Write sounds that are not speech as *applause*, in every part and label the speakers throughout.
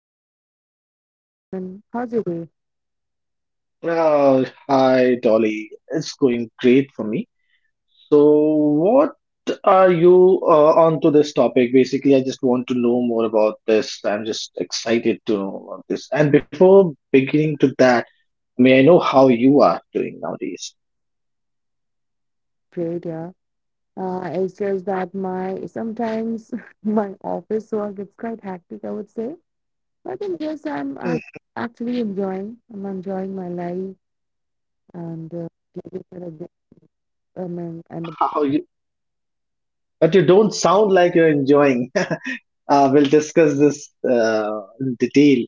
Speaker 1: how are you, Chandan? I mean, how's your day?
Speaker 2: Oh, hi, Dolly. It's going great for me. So, what are you on to this topic? Basically, I just want to know more about this. I'm just excited to know about this. And before beginning to that, may I know how you are doing nowadays?
Speaker 1: Great, yeah. It's just that my sometimes *laughs* my office work it's quite hectic, I would say. But in this,
Speaker 2: Hmm.
Speaker 1: actually enjoying. I'm enjoying my life and giving it a go. I mean,
Speaker 2: *laughs*
Speaker 1: and
Speaker 2: How you, but you don't sound like you're enjoying. *laughs* We'll discuss this in detail.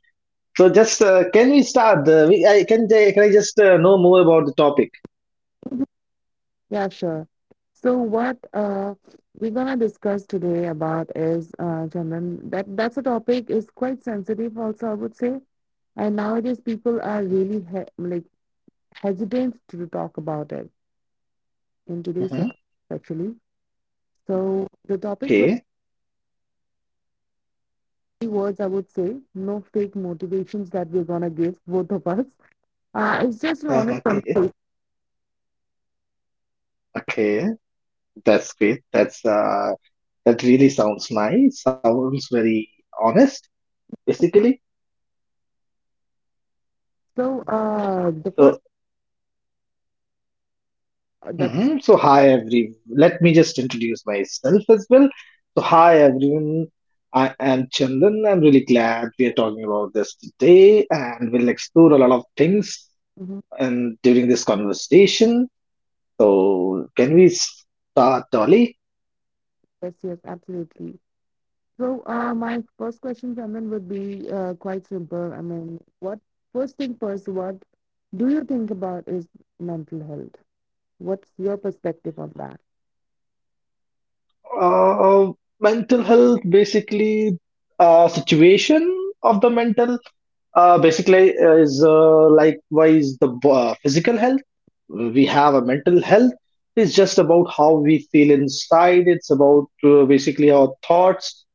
Speaker 2: So, just can we start? We, I, can, I- Can I just know more about the topic?
Speaker 1: yeah, sure. So what we're gonna discuss today about is, Chairman, that's a topic is quite sensitive also, I would say. And nowadays people are really he like hesitant to talk about it in today's
Speaker 2: Mhm.
Speaker 1: society, actually. So the topic with
Speaker 2: Okay.
Speaker 1: three words, I would say, no fake motivations that we're gonna give both of us. It's just an
Speaker 2: Uh,
Speaker 1: honest
Speaker 2: okay.
Speaker 1: conversation.
Speaker 2: Okay, that's great. That really sounds nice. Sounds very honest, basically.
Speaker 1: So the first
Speaker 2: So,
Speaker 1: that
Speaker 2: mhm. So hi every. Let me just introduce myself as well. So hi everyone. I am Chandan. I'm really glad we are talking about this today, and we'll explore a lot of things
Speaker 1: Mhm.
Speaker 2: and during this conversation. So, can we start, Dolly?
Speaker 1: Yes, yes, absolutely. So, my first question, Chairman, would be quite simple. I mean, what first thing first, what do you think about is mental health? What's your perspective on that?
Speaker 2: Uh, Mental health, basically, situation of the mental basically is likewise the physical health, we have a mental health. It's just about how we feel inside. It's about basically our thoughts,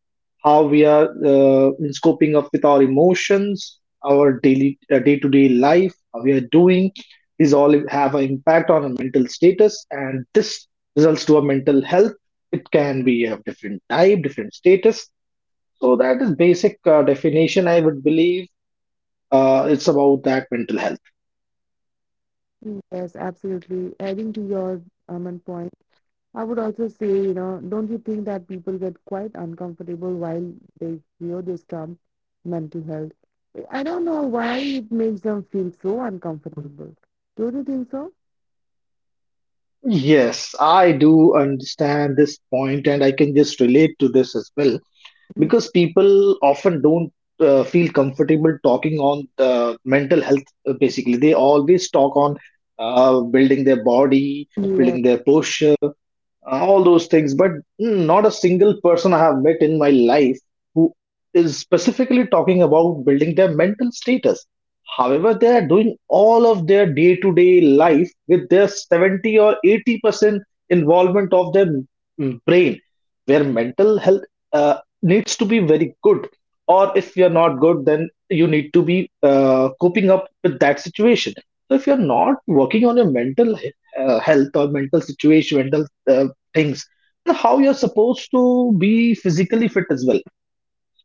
Speaker 2: how we are in scoping up with our emotions, our daily day-to-day life, how we are doing. These all have an impact on our mental status, and this results to a mental health. It can be of different type, different status. So that is basic definition I would believe. It's about that mental health.
Speaker 1: Mm. Yes, absolutely. Adding to your and point, I would also say, you know, don't you think that people get quite uncomfortable while they hear this term mental health? I don't know why it makes them feel so uncomfortable. Don't you think so?
Speaker 2: Yes, I do understand this point, and I can just relate to this as well because people often don't feel comfortable talking on mental health. Basically, they always talk on building their body,
Speaker 1: Yes.
Speaker 2: building their posture, all those things, but not a single person I have met in my life who is specifically talking about building their mental status. However, they are doing all of their day to day life with their 70 or 80% involvement of their brain, where mental health needs to be very good. Or if you're not good, then you need to be coping up with that situation. So if you're not working on your mental health or mental situation, mental things, and how you're supposed to be physically fit as well.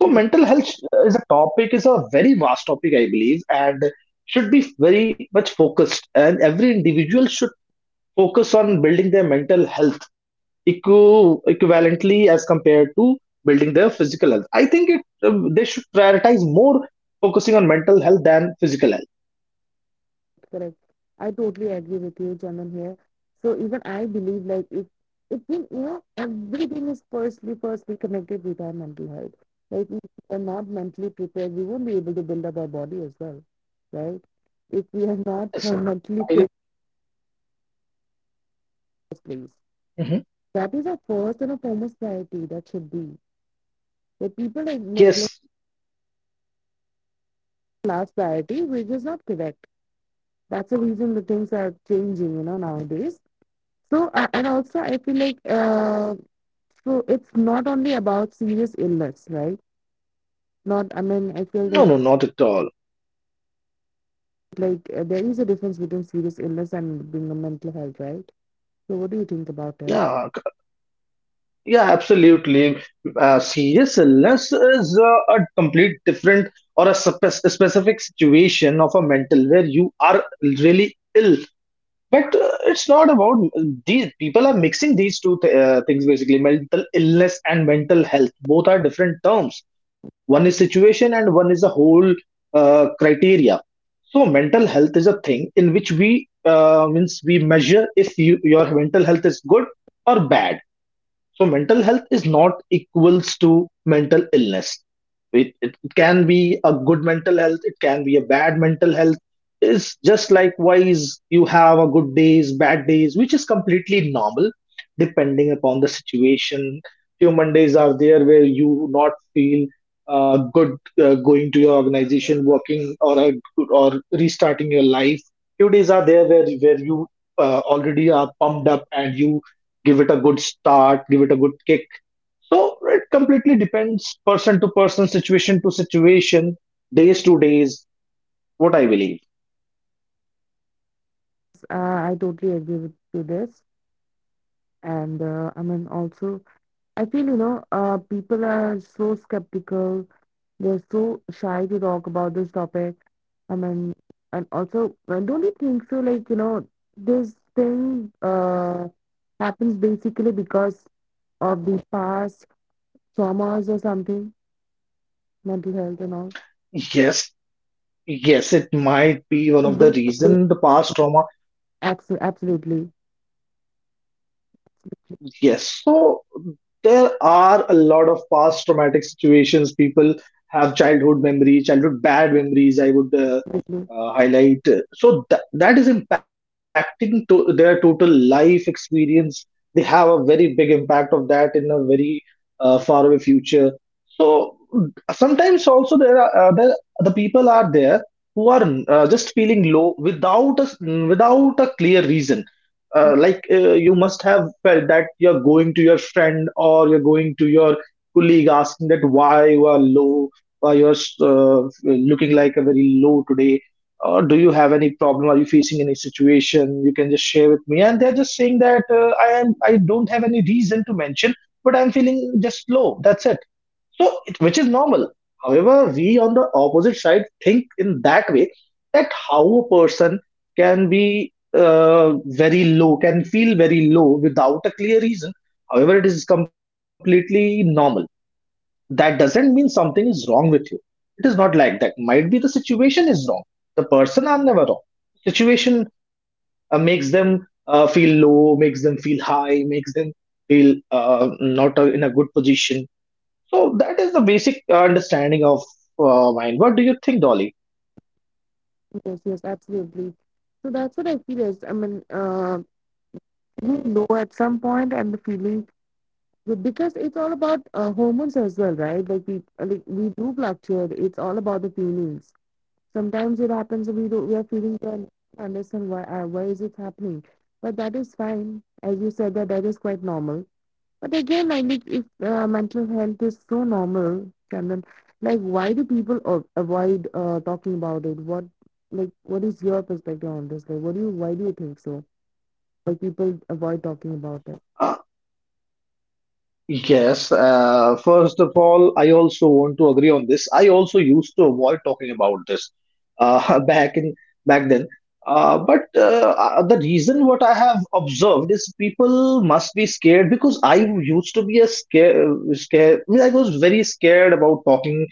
Speaker 2: So mental health is a topic, is a very vast topic I believe, and should be very much focused, and every individual should focus on building their mental health equivalently as compared to building their physical health. They should prioritize more focusing on mental health than physical
Speaker 1: Correct. I totally agree with you, Chaman, here. So even I believe like if we you know everything is firstly connected with our mental health. Like if we are not mentally prepared, we won't be able to build up our body as well. Right? If we are
Speaker 2: health. Yes,
Speaker 1: not *laughs*
Speaker 2: I
Speaker 1: mentally
Speaker 2: do.
Speaker 1: fit first.
Speaker 2: Mhm.
Speaker 1: That is our first and a foremost priority that should be. But people like neglect
Speaker 2: Yes.
Speaker 1: last priority, which is not correct. That's the reason the things are changing, you know, nowadays. So, and also I feel like so it's not only about serious illness, right? Not, I mean, I feel
Speaker 2: No, no,
Speaker 1: that
Speaker 2: not at all.
Speaker 1: like there is a difference between serious illness and being a mental health, right? So what do you think about it?
Speaker 2: Yeah. Yeah, absolutely. Serious illness is a complete different or specific situation of a mental where you are really ill. But it's not about, these people are mixing these two things, basically mental illness and mental health. Both are different terms. One is situation and one is a whole criteria. So mental health is a thing in which we means we measure if you your mental health is good or bad. So mental health is not equals to mental illness. It can be a good mental health, it can be a bad mental health. It's just likewise you have a good days, bad days, which is completely normal depending upon the situation. Few Mondays are there where you not feel good going to your organization, working, or a good, or restarting your life. Few days are there where you already are pumped up and you give it a good start, give it a good kick. So it completely depends person to person, situation to situation, days to days, what I believe.
Speaker 1: I totally agree with to this, and I mean also. I feel, you know, people are so skeptical. They're so shy to talk about this topic. I mean, and also, don't you think so? Like, you know, this thing happens basically because of the past traumas or something, mental health and all.
Speaker 2: Yes, yes, it might be one
Speaker 1: A
Speaker 2: of the
Speaker 1: big, big,
Speaker 2: reason, the past trauma.
Speaker 1: absolutely,
Speaker 2: Yes. So there are a lot of past traumatic situations. People have childhood memories, childhood bad memories, I would
Speaker 1: absolutely.
Speaker 2: highlight. So that that is impacting to their total life experience. They have a very big impact of that in a very far away future. So sometimes also there are the people are there who are just feeling low without a, without a clear reason. Like you must have felt that you're going to your friend or you're going to your colleague asking that why you are low, why you're looking like a very low today, or do you have any problem, are you facing any situation, you can just share with me. And they're just saying that I am, I don't have any reason to mention, but I'm feeling just low, that's it. So, it, which is normal. However, we on the opposite side think in that way that how a person can be very low, can feel very low without a clear reason. However, it is completely normal. That doesn't mean something is wrong with you. It is not like that. Might be the situation is wrong. The person are never wrong. Situation makes them feel low, makes them feel high, makes them feel not in a good position. So that is the basic understanding of mine. What do you think, Dolly?
Speaker 1: Yes, yes, absolutely. So that's what I feel is, I mean, you know, at some point, and the feeling. But because it's all about hormones as well, right? Like we do fluctuate. It's all about the feelings. Sometimes it happens that we do we are feeling and understand why is it happening. But that is fine, as you said that that is quite normal. But again, I think if mental health is so normal, Chandan, like why do people avoid talking about it? What like what is your perspective on this? Like what do you why do you think so? Why people avoid talking about.
Speaker 2: Uh, yes, first of all, I also want to agree on this. I also used to avoid talking about this uh, *laughs* back in back then. But The reason what I have observed is people must be scared, because I used to be a scare. I mean, I was very scared about talking,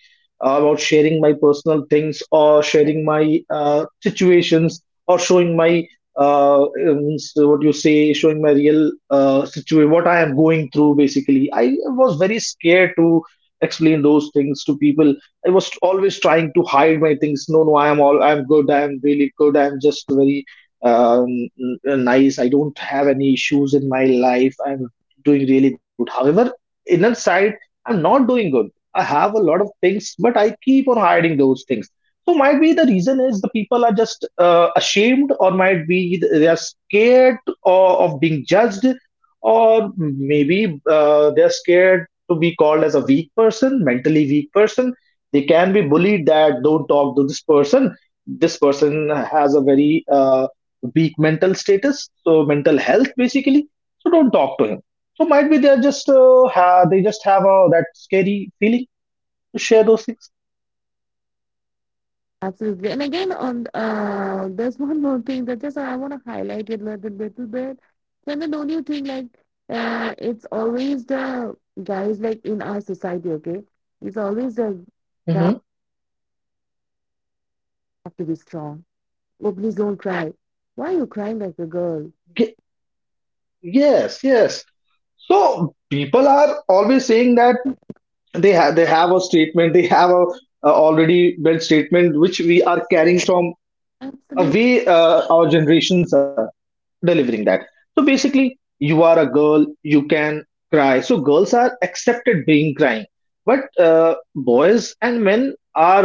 Speaker 2: about sharing my personal things, or sharing my situations, or showing my means what you say, showing my real situation, what I am going through. Basically, I was very scared to explain those things to people. I was always trying to hide my things. No, no, I am all, I am good. I am really good. I am just very um, nice. I don't have any issues in my life. I am doing really good. However, inner side, I'm not doing good. I have a lot of things, but I keep on hiding those things. So might be the reason is the people are just ashamed, or might be they are scared, or of being judged, or maybe they are scared to be called as a weak person, mentally weak person. They can be bullied that don't talk to this person. This person has a very weak mental status, so mental health basically. So don't talk to him. So might be they are just they just have a, that scary feeling to share those things.
Speaker 1: Absolutely. And again, on there's one more thing that just I want to highlight it like, a little, little bit. And then don't you think like it's always the guys like in our society, okay? It's always the guys
Speaker 2: Hmm.
Speaker 1: have to be strong. Oh, please don't cry. Why are you crying like a girl?
Speaker 2: Yes, yes. So people are always saying that they have a statement, they have a already built statement which we are carrying from a
Speaker 1: Absolutely.
Speaker 2: way our generations are delivering that. So basically, you are a girl, you can cry. So girls are accepted being crying, but boys and men are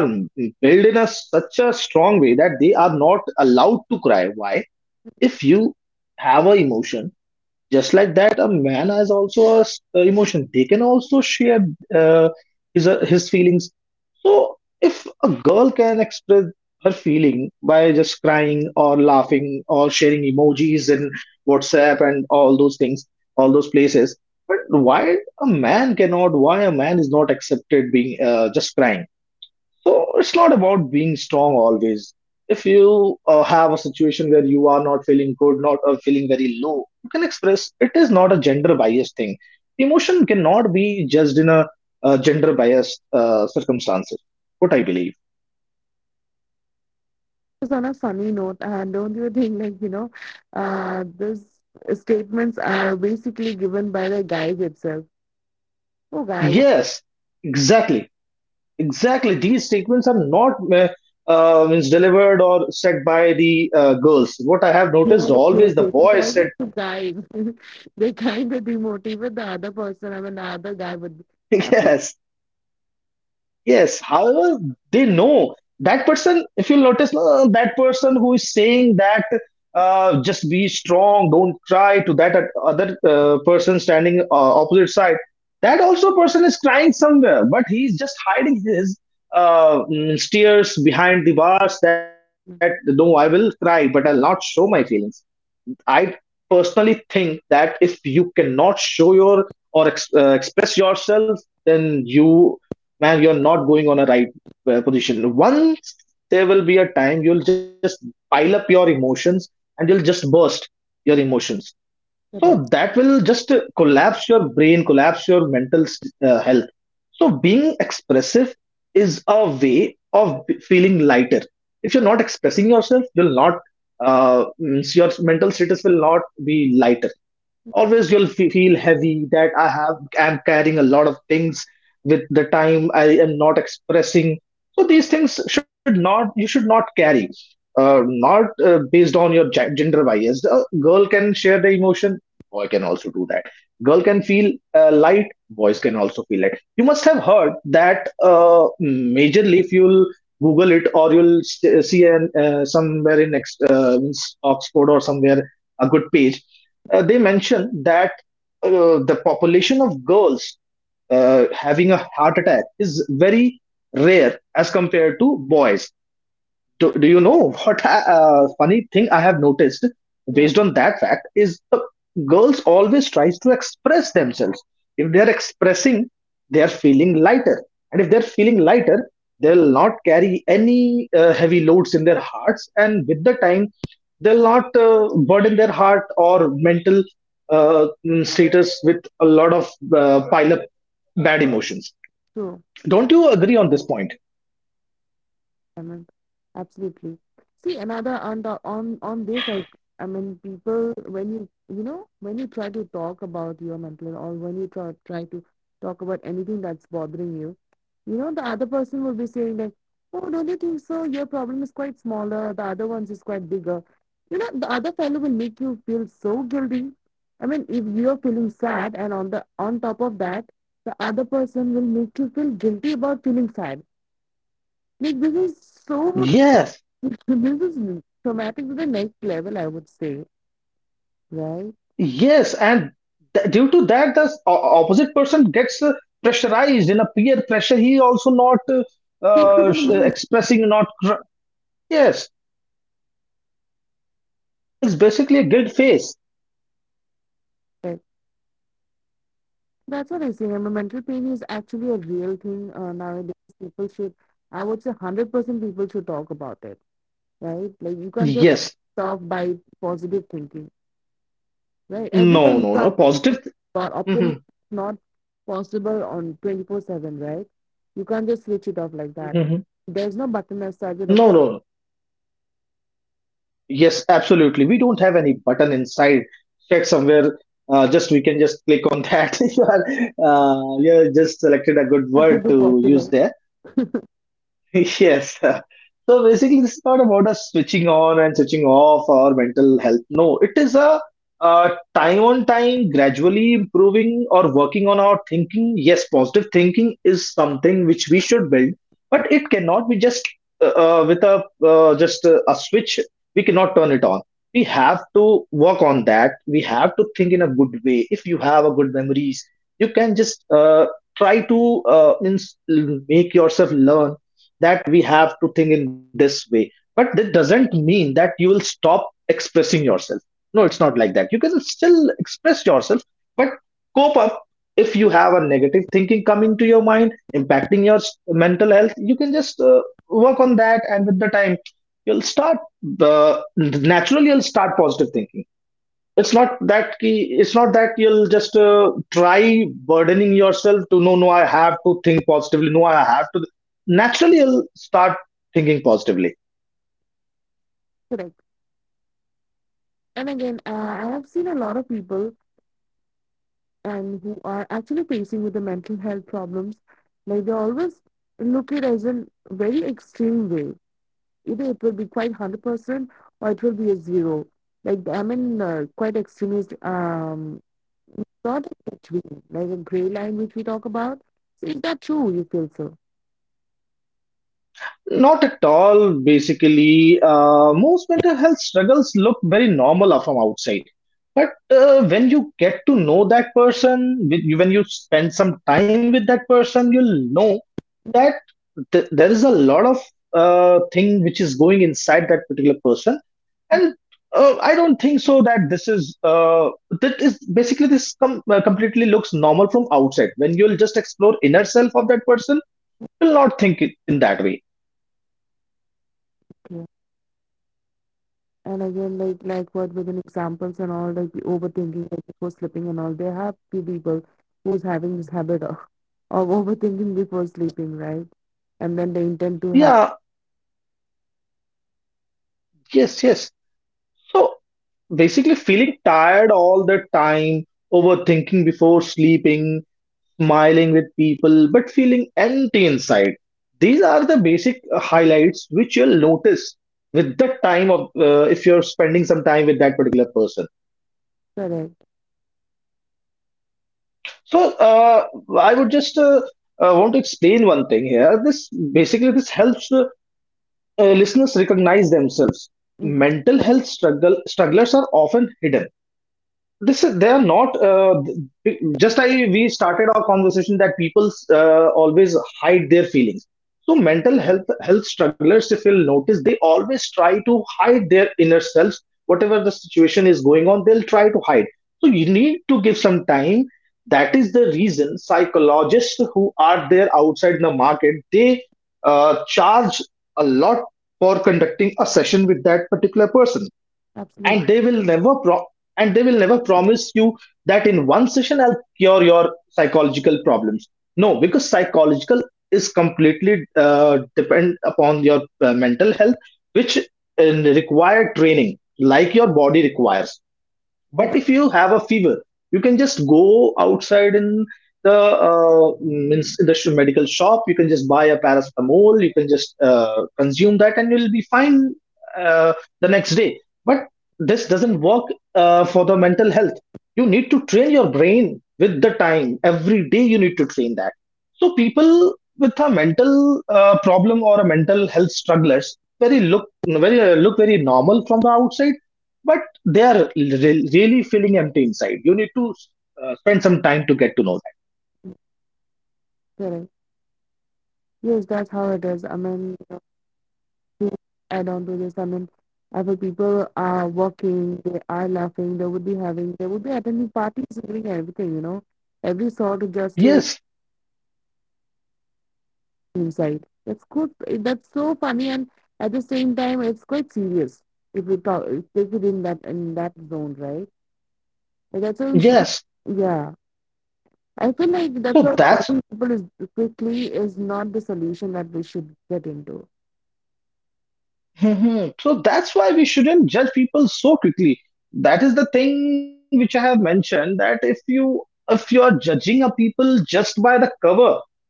Speaker 2: built in a such a strong way that they are not allowed to cry. Why? If you have a emotion, just like that, a man has also a emotion, they can also share uh, his feelings. So if a girl can express her feeling by just crying or laughing or sharing emojis and whatsapp and all those things, all those places, but why a man cannot, why a man is not accepted being just crying. So it's not about being strong always. If you have a situation where you are not feeling good, not feeling very low, you can express. It is not a gender biased thing. Emotion cannot be judged in a gender biased circumstances. What I believe.
Speaker 1: Just on a funny note, and don't you think like you know, these statements are basically given by the guys itself. Oh, guy,
Speaker 2: Yes, exactly, exactly. These statements are not means delivered or said by the girls. What I have noticed,
Speaker 1: yes, yes,
Speaker 2: always the
Speaker 1: yes. It's
Speaker 2: boys said.
Speaker 1: always the guy. *laughs* They kind of demotivate the other person. I mean, the other guy would be.
Speaker 2: *laughs* Yes. Yes, however, they know that person. If you'll notice, that person who is saying that just be strong, don't cry to that other person standing opposite side, that also person is crying somewhere, but he's just hiding his tears behind the bars that no, I will cry, but I'll not show my feelings. I personally think that if you cannot show your or express yourself, then you, man, you're not going on a right position. Once there will be a time you'll just pile up your emotions and you'll just burst your emotions. So
Speaker 1: Correct.
Speaker 2: that will just collapse your brain, collapse your mental health. So being expressive is a way of feeling lighter. If you're not expressing yourself, you'll not, means your mental status will not be lighter. Always you'll feel heavy that I have, I'm carrying a lot of things with the time I am not expressing. So these things should not, you should not carry not based on your gender bias. A girl can share the emotion, boy can also do that. Girl can feel light, boys can also feel light. You must have heard that majorly if you'll Google it or you'll see somewhere in in Oxford or somewhere a good page, they mention that the population of girls having a heart attack is very rare as compared to boys. Do you know, funny thing I have noticed
Speaker 1: Yeah,
Speaker 2: based on that fact is, the girls always tries to express themselves. If they are expressing, they are feeling lighter, and if they are feeling lighter, they'll not carry any heavy loads in their hearts, and with the time, they'll not burden their heart or mental status with a lot of pile up bad emotions.
Speaker 1: true.
Speaker 2: Don't you agree on this point?
Speaker 1: I mean, absolutely. See, another on the on this, I mean, people when you know when you try to talk about your mental health or when you try to talk about anything that's bothering you, you know, the other person will be saying like, "Oh, don't you think so? Your problem is quite smaller. The other one's is quite bigger." You know, the other fellow will make you feel so guilty. I mean, if you're feeling sad, and on the on top of that, the other person will make you feel guilty about feeling sad. Like this is so
Speaker 2: Yes.
Speaker 1: *laughs* this is traumatic to the next level, I would say, right?
Speaker 2: Yes, and due to that, the opposite person gets pressurized in a peer pressure. He also not
Speaker 1: Take it to the next
Speaker 2: expressing, not yes. It's basically a guilt phase.
Speaker 1: level. That's what I say. Remember, mental pain is actually a real thing nowadays. People should, I would say, 100% people should talk about it, right? Like you can't just
Speaker 2: Yes.
Speaker 1: talk by positive thinking, right? Every
Speaker 2: No,
Speaker 1: time you
Speaker 2: no,
Speaker 1: talk
Speaker 2: no. Positive.
Speaker 1: about
Speaker 2: Hmm.
Speaker 1: optimism, it's not possible on 24/7, right? You can't just switch it off like that.
Speaker 2: Hmm.
Speaker 1: There's no button as such. That,
Speaker 2: No,
Speaker 1: okay,
Speaker 2: no. Yes, absolutely. We don't have any button inside. Check somewhere. Just we can just click on that. *laughs* You are you are just selected a good
Speaker 1: that
Speaker 2: word
Speaker 1: would be
Speaker 2: to use
Speaker 1: possible,
Speaker 2: there. *laughs* Yes. So basically, this is not about us switching on and switching off our mental health. No, it is a, time on time, gradually improving or working on our thinking. Yes, positive thinking is something which we should build, but it cannot be just with a just a switch. We cannot turn it on. We have to work on that. We have to think in a good way. If you have a good memories, you can just try to make yourself learn that we have to think in this way, but that doesn't mean that you will stop expressing yourself. No, it's not like that. You can still express yourself, but cope up. If you have a negative thinking coming to your mind impacting your mental health, you can just work on that, and with the time you'll start naturally you'll start positive thinking. It's not that key, it's not that you'll just try burdening yourself to, no, no, I have to think positively, no, I have to, naturally you'll start thinking positively.
Speaker 1: correct? And again, I have seen a lot of people and who are actually facing with the mental health problems like they always look it as a very extreme way. Either it will be quite 100% or it will be a zero. Like I mean quite extremist, not in between like in gray line which we talk about. So is that true, you feel so?
Speaker 2: Not at all, basically. Most mental health struggles look very normal from outside. But when you get to know that person, with when you spend some time with that person, you'll know that there is a lot of thing which is going inside that particular person. And I don't think so that this is, that is basically this completely looks normal from outside. When you'll just explore inner self of that person, you'll not think it in that way.
Speaker 1: Okay. And again, like what within examples and all, like the overthinking like before sleeping and all. There have few people who's having this habit of overthinking before sleeping, right? And then they intend to have
Speaker 2: Yeah, yes, yes. So basically, feeling tired all the time, overthinking before sleeping, smiling with people, but feeling empty inside. These are the basic highlights which you'll notice with the time of if you're spending some time with that particular person.
Speaker 1: correct.
Speaker 2: So I would just want to explain one thing here. This, basically, this helps listeners recognize themselves.
Speaker 1: Mm,
Speaker 2: Mental health strugglers are often hidden. This is, they are not, we started our conversation that people always hide their feelings. So mental health strugglers, if you'll notice, they always try to hide their inner selves. Whatever the situation is going on, they'll try to hide. So you need to give some time. That is the reason psychologists who are there outside the market, they charge a lot for conducting a session with that particular person,
Speaker 1: absolutely.
Speaker 2: and they will never pro- and they will never promise you that in one session I'll cure your psychological problems. No, because psychological is completely depend upon your mental health, which require training like your body requires. But
Speaker 1: Correct,
Speaker 2: if you have a fever, you can just go outside in the means in the sh- medical shop. You can just buy a paracetamol. You can just consume that, and you'll be fine uh, the next day. But this doesn't work for the mental health. You need to train your brain with the time. Every day you need to train that. So people with a mental problem or a mental health strugglers very look very normal from the outside, but they are really feeling empty inside. You need to spend some time to get to know that.
Speaker 1: correct. Yes, that's how it is. I mean, to add on to this, I mean, other people are working, they are laughing, they would be having, they would be attending parties, and doing everything, you know, every sort of just to.
Speaker 2: Yes,
Speaker 1: Inside, that's good. That's so funny, and at the same time, it's quite serious if you talk, take it in that zone, right? But that's how you should.
Speaker 2: yes.
Speaker 1: Yeah, I feel like that's
Speaker 2: So
Speaker 1: why
Speaker 2: that's
Speaker 1: cutting people is quickly is not the solution that we should get into.
Speaker 2: Mhm. So that's why we shouldn't judge people so quickly. That is the thing which I have mentioned that if you are judging a people just by the cover,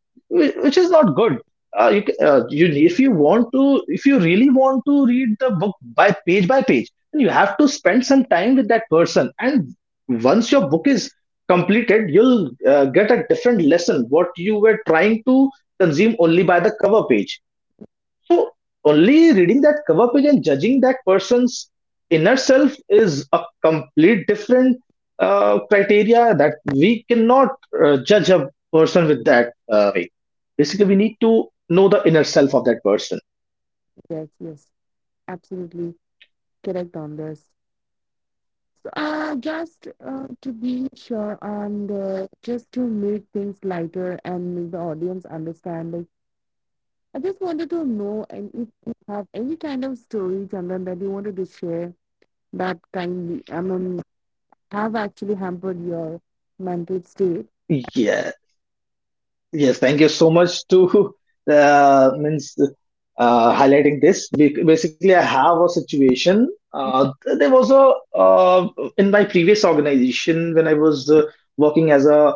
Speaker 2: which is not good. You, ca- you if you really want to read the book by page, then you have to spend some time with that person. And once your book is completed, you'll get a different lesson what you were trying to consume only by the cover page. So only reading that cover page and judging that person's inner self is a complete different criteria that we cannot judge a person with that way. Basically, we need to know the inner self of that person.
Speaker 1: Yes, yes, absolutely. Correct on this. So, just to be sure and just to make things lighter and make the audience understand, like I just wanted to know and if you have any kind of story, Chandan, that you wanted to share that kindly, I mean, have actually hampered your mental state.
Speaker 2: Yeah. Yes. Thank you so much to *laughs* means highlighting this. Basically, I have a situation. There was a uh, in my previous organization when I was working as a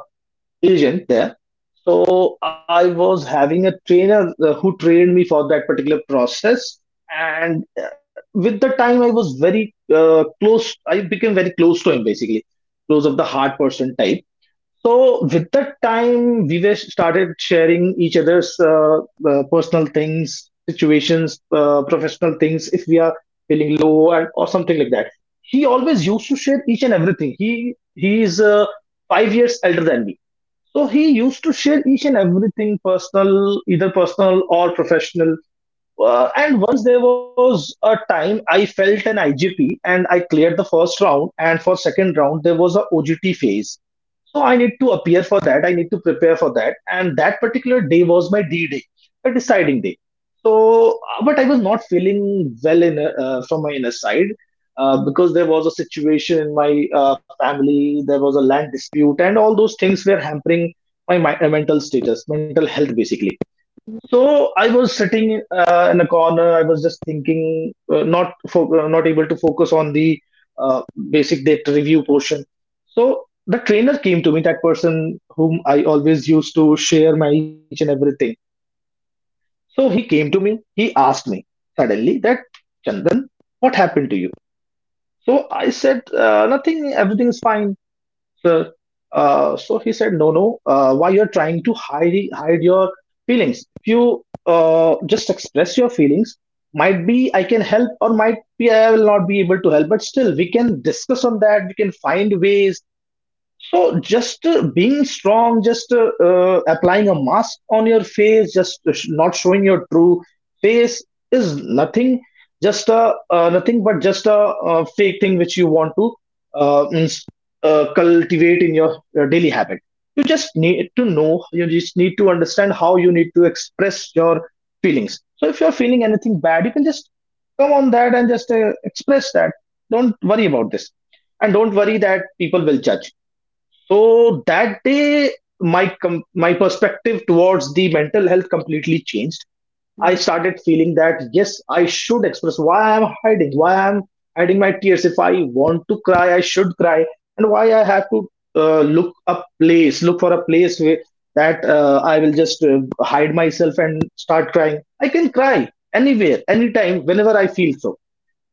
Speaker 2: agent there. So I was having a trainer who trained me for that particular process. And with the time, I was very close. I became very close to him, basically, close of the hard person type. So with that time, we were started sharing each other's personal things, situations, professional things. If we are feeling low and or something like that, he always used to share each and everything. He is 5 years elder than me, so he used to share each and everything personal, either personal or professional. And once there was a time I felt an IGP, and I cleared the first round, and for second round there was a OGT phase. So I need to appear for that. I need to prepare for that. And that particular day was my D day, the deciding day. So, but I was not feeling well in from my inner side because there was a situation in my family. There was a land dispute, and all those things were hampering my mental status, mental health, basically.
Speaker 1: Mhm,
Speaker 2: So I was sitting in a corner. I was just thinking, not able to focus on the uh, basic data review portion. So the trainer came to me, that person whom I always used to share my each and everything. So he came to me. He asked me suddenly that, Chandan, what happened to you? So I said nothing. Everything is fine. So, so he said, no, no, why you're trying to hide your feelings? If you just express your feelings, might be I can help, or might be I will not be able to help, but still we can discuss on that. We can find ways. So just being strong, just applying a mask on your face, just not showing your true face is nothing, just a nothing but just a, fake thing which you want to uh, means, cultivate in your daily habit. You just need to know, you just need to understand how you need to express your feelings. So if you're feeling anything bad, you can just come on that and just express that. Don't worry about this, and don't worry that people will judge. So that day, my perspective towards the mental health completely changed. I
Speaker 1: mhm,
Speaker 2: started feeling that yes, I should express. Why I'm hiding, why I'm hiding my tears? If I want to cry, I should cry, and why I have to look for a place where that I will just hide myself and start crying. I can cry anywhere, anytime, whenever I feel so.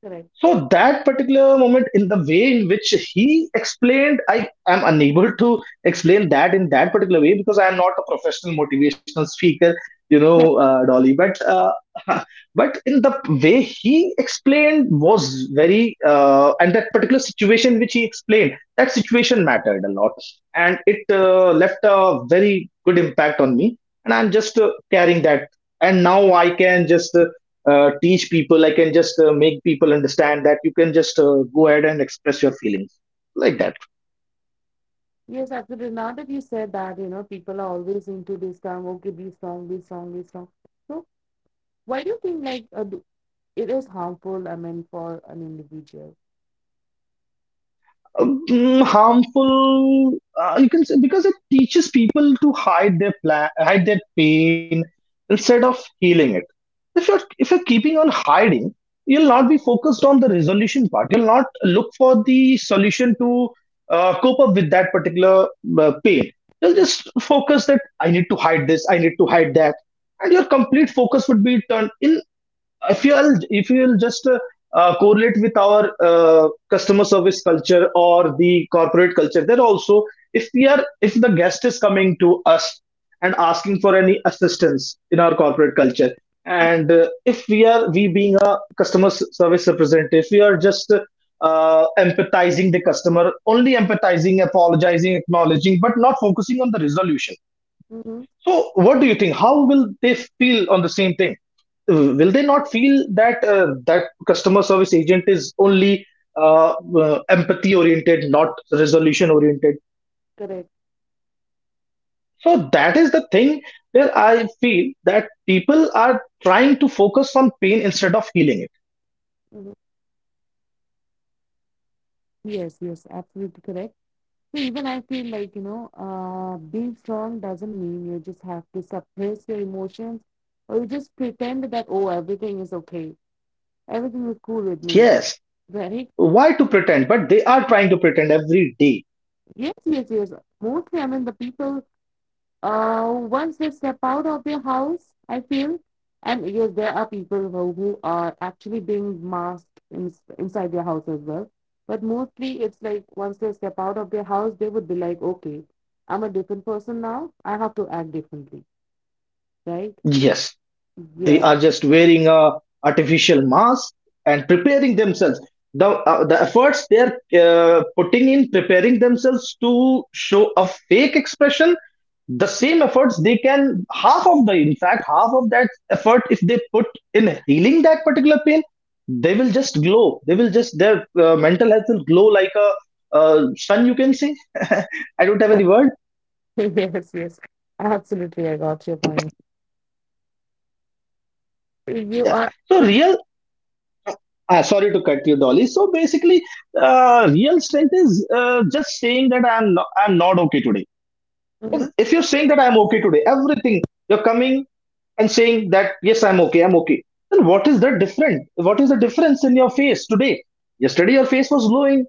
Speaker 1: correct.
Speaker 2: So that particular moment, in the way in which he explained, I am unable to explain that in that particular way because I am not a professional motivational speaker, you know, Dolly. But *laughs* but in the way he explained was and that particular situation which he explained, that situation mattered a lot, and it left a very good impact on me. And I'm just carrying that, and now I can just teach people. I can just make people understand that you can just go ahead and express your feelings like that.
Speaker 1: Yes, absolutely. Now that you said that, you know, people are always into this term, okay, be strong, be strong, be strong. So why do you think like it is harmful, I mean, for an individual?
Speaker 2: um, Harmful, you can say, because it teaches people to hide their pain instead of healing it. If you're keeping on hiding, you'll not be focused on the resolution part. You'll not look for the solution to cope up with that particular pain. You'll
Speaker 1: Yeah.
Speaker 2: just focus that I need to hide this, I need to hide that, and your complete focus would be turned in. If you'll just correlate with our customer service culture or the corporate culture, there also, if we are if the guest is coming to us and asking for any assistance in our corporate culture, and if we are we being a customer service representative, we are just empathizing the customer, only empathizing, apologizing, acknowledging, but not focusing on the resolution.
Speaker 1: Mm-hmm.
Speaker 2: So, what do you think? How will they feel on the same thing? Will they not feel that that customer service agent is only uh, empathy oriented, not resolution oriented?
Speaker 1: Correct.
Speaker 2: So that is the thing where I feel that people are trying to focus on pain instead of healing
Speaker 1: Hmm, yes, yes, absolutely correct. So even I feel like you know, being strong doesn't mean you just have to suppress your emotions, or you just pretend that oh everything is okay, everything is cool with
Speaker 2: it.
Speaker 1: me,
Speaker 2: Yes,
Speaker 1: right?
Speaker 2: why to pretend? But they are trying to pretend every day.
Speaker 1: Yes, yes, yes, mostly, I mean the people, once they step out of their house, I feel, and yes, there are people who are actually being masked in, inside their house as well. But mostly, it's like once they step out of their house, they would be like, okay, I'm a different person now. I have to act differently, right?
Speaker 2: Yes. They
Speaker 1: Yes,
Speaker 2: are just wearing a artificial mask and preparing themselves. The the efforts they're putting in preparing themselves to show a fake expression, the same efforts they can, half of the in fact half of that effort if they put in healing that particular pain, they will just glow. They will just Their mental health will glow like a sun, you can say. *laughs* I don't have any word.
Speaker 1: *laughs* yes, yes. Absolutely, I got your point. You
Speaker 2: Yeah,
Speaker 1: are,
Speaker 2: so real. Ah, sorry to cut you, Dolly. So basically, real strength is just saying that I'm not okay today. If,
Speaker 1: mhm.
Speaker 2: if you're saying that I'm okay today, everything, you're coming and saying that yes, I'm okay, I'm okay. Then what is the different? What is the difference in your face today? Yesterday your face was glowing.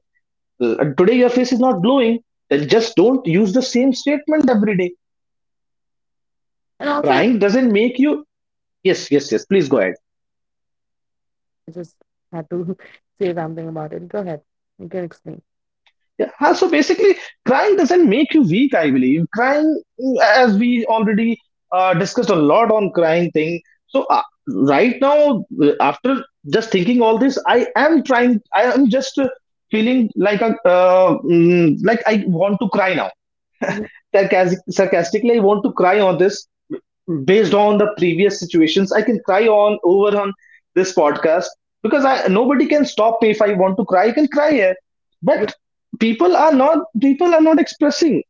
Speaker 2: Today your face is not glowing. Then just don't use the same statement every day.
Speaker 1: And also I
Speaker 2: Crying doesn't make you. Yes, yes, yes. Please go ahead.
Speaker 1: just had to *laughs* say something about it. Go ahead, you can explain.
Speaker 2: Yeah, so basically, crying doesn't make you weak, I believe. Crying, as we already discussed a lot on crying thing. So right now, after just thinking all this, I am trying. I am just feeling like a like I want to cry now.
Speaker 1: Mhm.
Speaker 2: Sarcastically, I want to cry on this. Based on the previous situations, I can cry on over on this podcast, because I nobody can stop me. If I want to cry, I can cry here.
Speaker 1: Yeah,
Speaker 2: But people are not expressing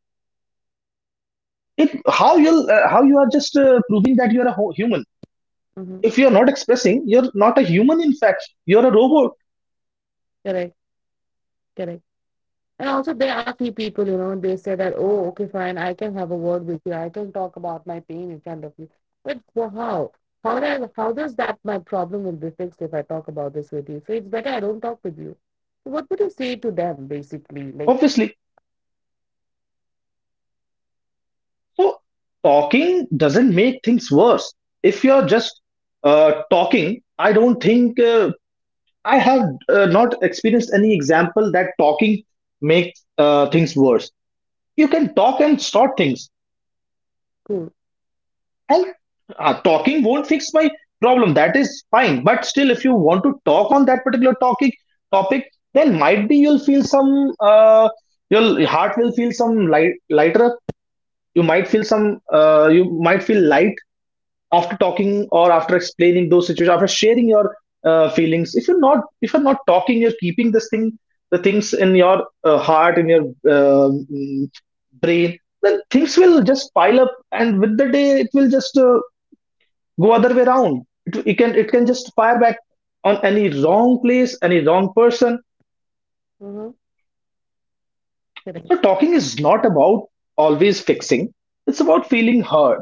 Speaker 2: it. How you how you are just proving that you're a human? If
Speaker 1: mhm.
Speaker 2: you're not expressing, you're not a human, in fact, you're a robot.
Speaker 1: Correct, correct. And also, there are few people, you know, they say that, oh, okay, fine, I can have a word with you. I can talk about my pain in front of you. But for how? How does that my problem will be fixed if I talk about this with you? So it's better I don't talk with you. So what would you say to them, basically? Like,
Speaker 2: Obviously. So talking doesn't make things worse. If you're just talking, I don't think, I have not experienced any example that talking makes things worse. You can talk and sort things.
Speaker 1: cool.
Speaker 2: And talking won't fix my problem. That is fine. But still, if you want to talk on that particular talking topic, then might be you'll feel some. Your heart will feel some lighter. You might feel some. You might feel light after talking or after explaining those situations, after sharing your feelings. If you're not if you're not talking, you're keeping this thing the things in your heart, in your uh, mm, brain, then things will just pile up, and with the day, it will just go other way around. It can, it can just fire back on any wrong place, any wrong person.
Speaker 1: Mm-hmm.
Speaker 2: So
Speaker 1: Correct.
Speaker 2: talking is not about always fixing, it's about feeling heard.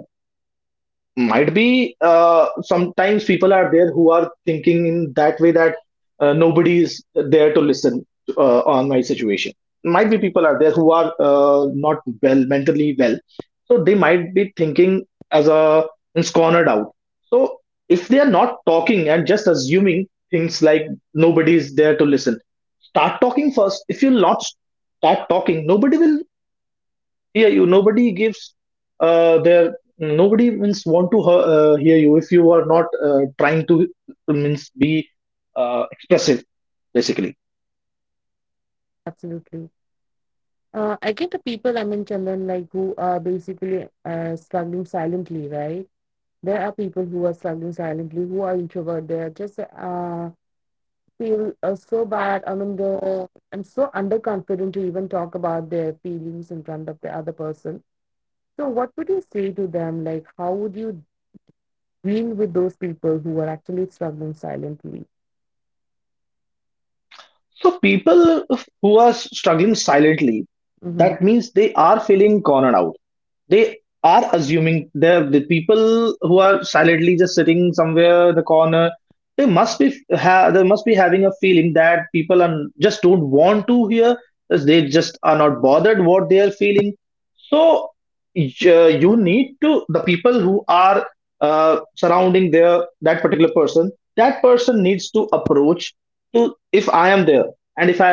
Speaker 2: Might be sometimes people are there who are thinking in that way that nobody is there to listen on my situation. Might be people are there who are not mentally well, so they might be thinking as a, and cornered out. So if they are not talking and just assuming things like nobody is there to listen, start talking first. If you'll not start talking, nobody will hear you. Nobody gives their, nobody means want to hear you if you are not trying to, means be expressive, basically.
Speaker 1: Absolutely. I get the people, I mean, Chandan, like, who are basically struggling silently, right? There are people who are struggling silently, who are introvert. They are just feel so bad. I mean, the, I'm so underconfident to even talk about their feelings in front of the other person. So, what would you say to them? Like, how would you deal with those people who are actually struggling silently?
Speaker 2: So people who are struggling silently,
Speaker 1: Mm-hmm.
Speaker 2: that means they are feeling cornered out. They are assuming, they're the people who are silently just sitting somewhere in the corner. they must be they must be having a feeling that people are just don't want to hear. They just are not bothered what they are feeling. So you need to, the people who are surrounding their that particular person, that person needs to approach to. If I am there, and if I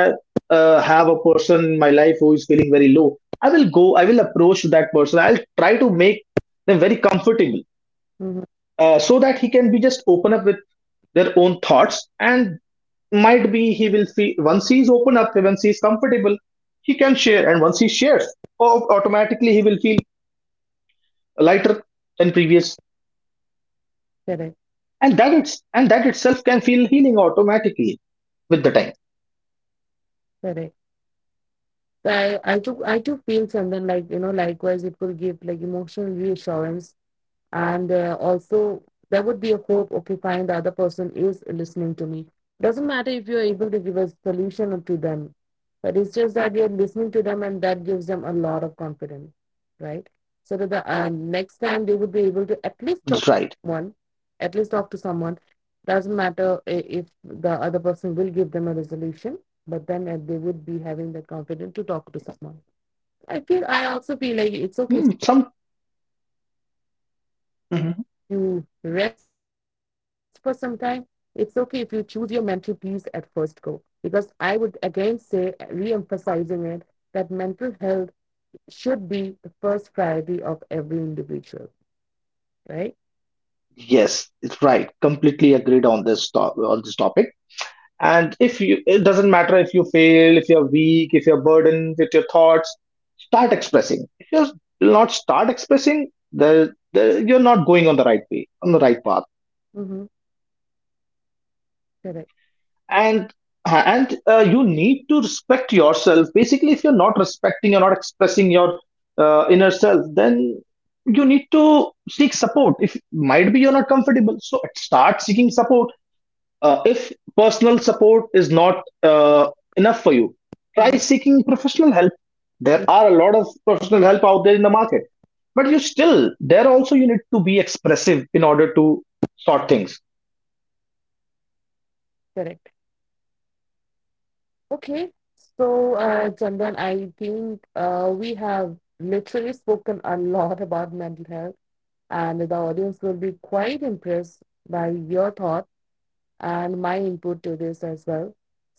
Speaker 2: have a person in my life who is feeling very low, I will go. I will approach that person. I'll try to make them very comfortable,
Speaker 1: Mm-hmm.
Speaker 2: so that he can be just open up with their own thoughts. And might be he will feel, once he's open up, once he's comfortable, he can share. And once he shares, automatically he will feel lighter than previous,
Speaker 1: Correct.
Speaker 2: and that it's and that itself can feel healing automatically with the time.
Speaker 1: Correct. So I too feel and like you know likewise it will give like emotional reassurance, and also there would be a hope, okay fine, the other person is listening to me, doesn't matter if you're able to give a solution to them, but it's just that you're listening to them, and that gives them a lot of confidence, right? So that the next
Speaker 2: It's
Speaker 1: time
Speaker 2: right.
Speaker 1: they would be able to at least talk to someone, at least talk to someone, doesn't matter if the other person will give them a resolution, but then they would be having the confidence to talk to someone. I feel, I also
Speaker 2: Hmm,
Speaker 1: feel like
Speaker 2: some,
Speaker 1: it's okay,
Speaker 2: hmm.
Speaker 1: you rest for some time, it's okay if you choose your mental peace at first go, because I would again say, re-emphasizing it, that mental health should be the first priority of every individual, right?
Speaker 2: Yes, it's right. Completely agreed on this to on this topic. And if you, it doesn't matter if you fail, if you're weak, if you're burdened with your thoughts, start expressing. If you not start expressing, the you're not going on the right way, on the right path.
Speaker 1: Mm-hmm. Correct.
Speaker 2: and and you need to respect yourself, basically. If you're not respecting, you're not expressing your inner self, then you need to seek support. If might be you're not comfortable, so start seeking support. If personal support is not uh, enough for you, try
Speaker 1: Mm-hmm.
Speaker 2: seeking professional help. There are a lot of professional help out there in the market. But you still, there also you need to be expressive in order to sort things.
Speaker 1: Correct. Okay. So Chandan, I think we have literally spoken a lot *laughs* about mental health, and the audience will be quite impressed by your thoughts and my input to this as well.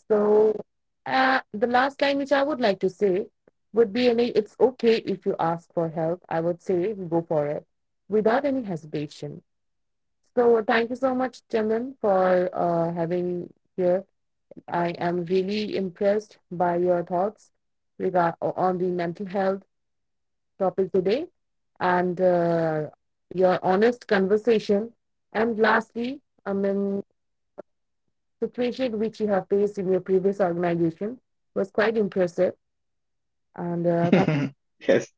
Speaker 1: So, the last line which I would like to say would be any, it's okay if you ask for help. I would say go for it without any hesitation. So, thank you so much, Chaman, for having here. I am really impressed by your thoughts regard on the mental health topic today and your honest conversation. And lastly, I mean the situation which you have faced in your previous organization was quite impressive. And that's
Speaker 2: *laughs* Yes.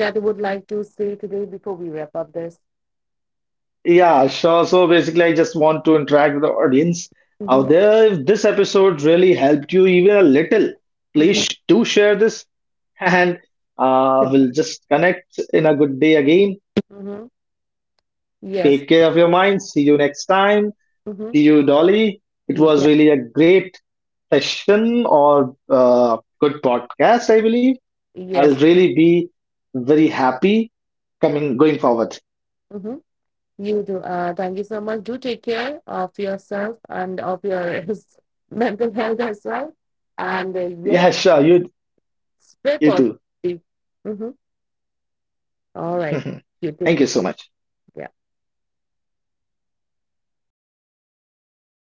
Speaker 1: that I would like to say today before we wrap up this.
Speaker 2: Yeah, sure. So basically, I just want to interact with the audience out
Speaker 1: Hmm.
Speaker 2: there. If this episode really helped you even a little, please
Speaker 1: Hmm.
Speaker 2: do share this. *laughs* And we'll just connect in a good day again.
Speaker 1: Hmm. Yes.
Speaker 2: Take care of your mind. See you next time.
Speaker 1: Hmm.
Speaker 2: See you, Dolly. It was
Speaker 1: Yeah.
Speaker 2: really a great session, or good podcast, I believe. I'll
Speaker 1: Yes.
Speaker 2: really be very happy coming going forward. *laughs*
Speaker 1: Hmm. You do. Thank you so much. Do take care of yourself and of your *laughs* mental health as well. And
Speaker 2: Yeah,
Speaker 1: yes,
Speaker 2: sure. You
Speaker 1: spread
Speaker 2: too.
Speaker 1: positivity. Mhm. All right.
Speaker 2: *laughs*
Speaker 1: You
Speaker 2: Thank you
Speaker 1: take
Speaker 2: so
Speaker 1: care.
Speaker 2: much.
Speaker 1: Yeah.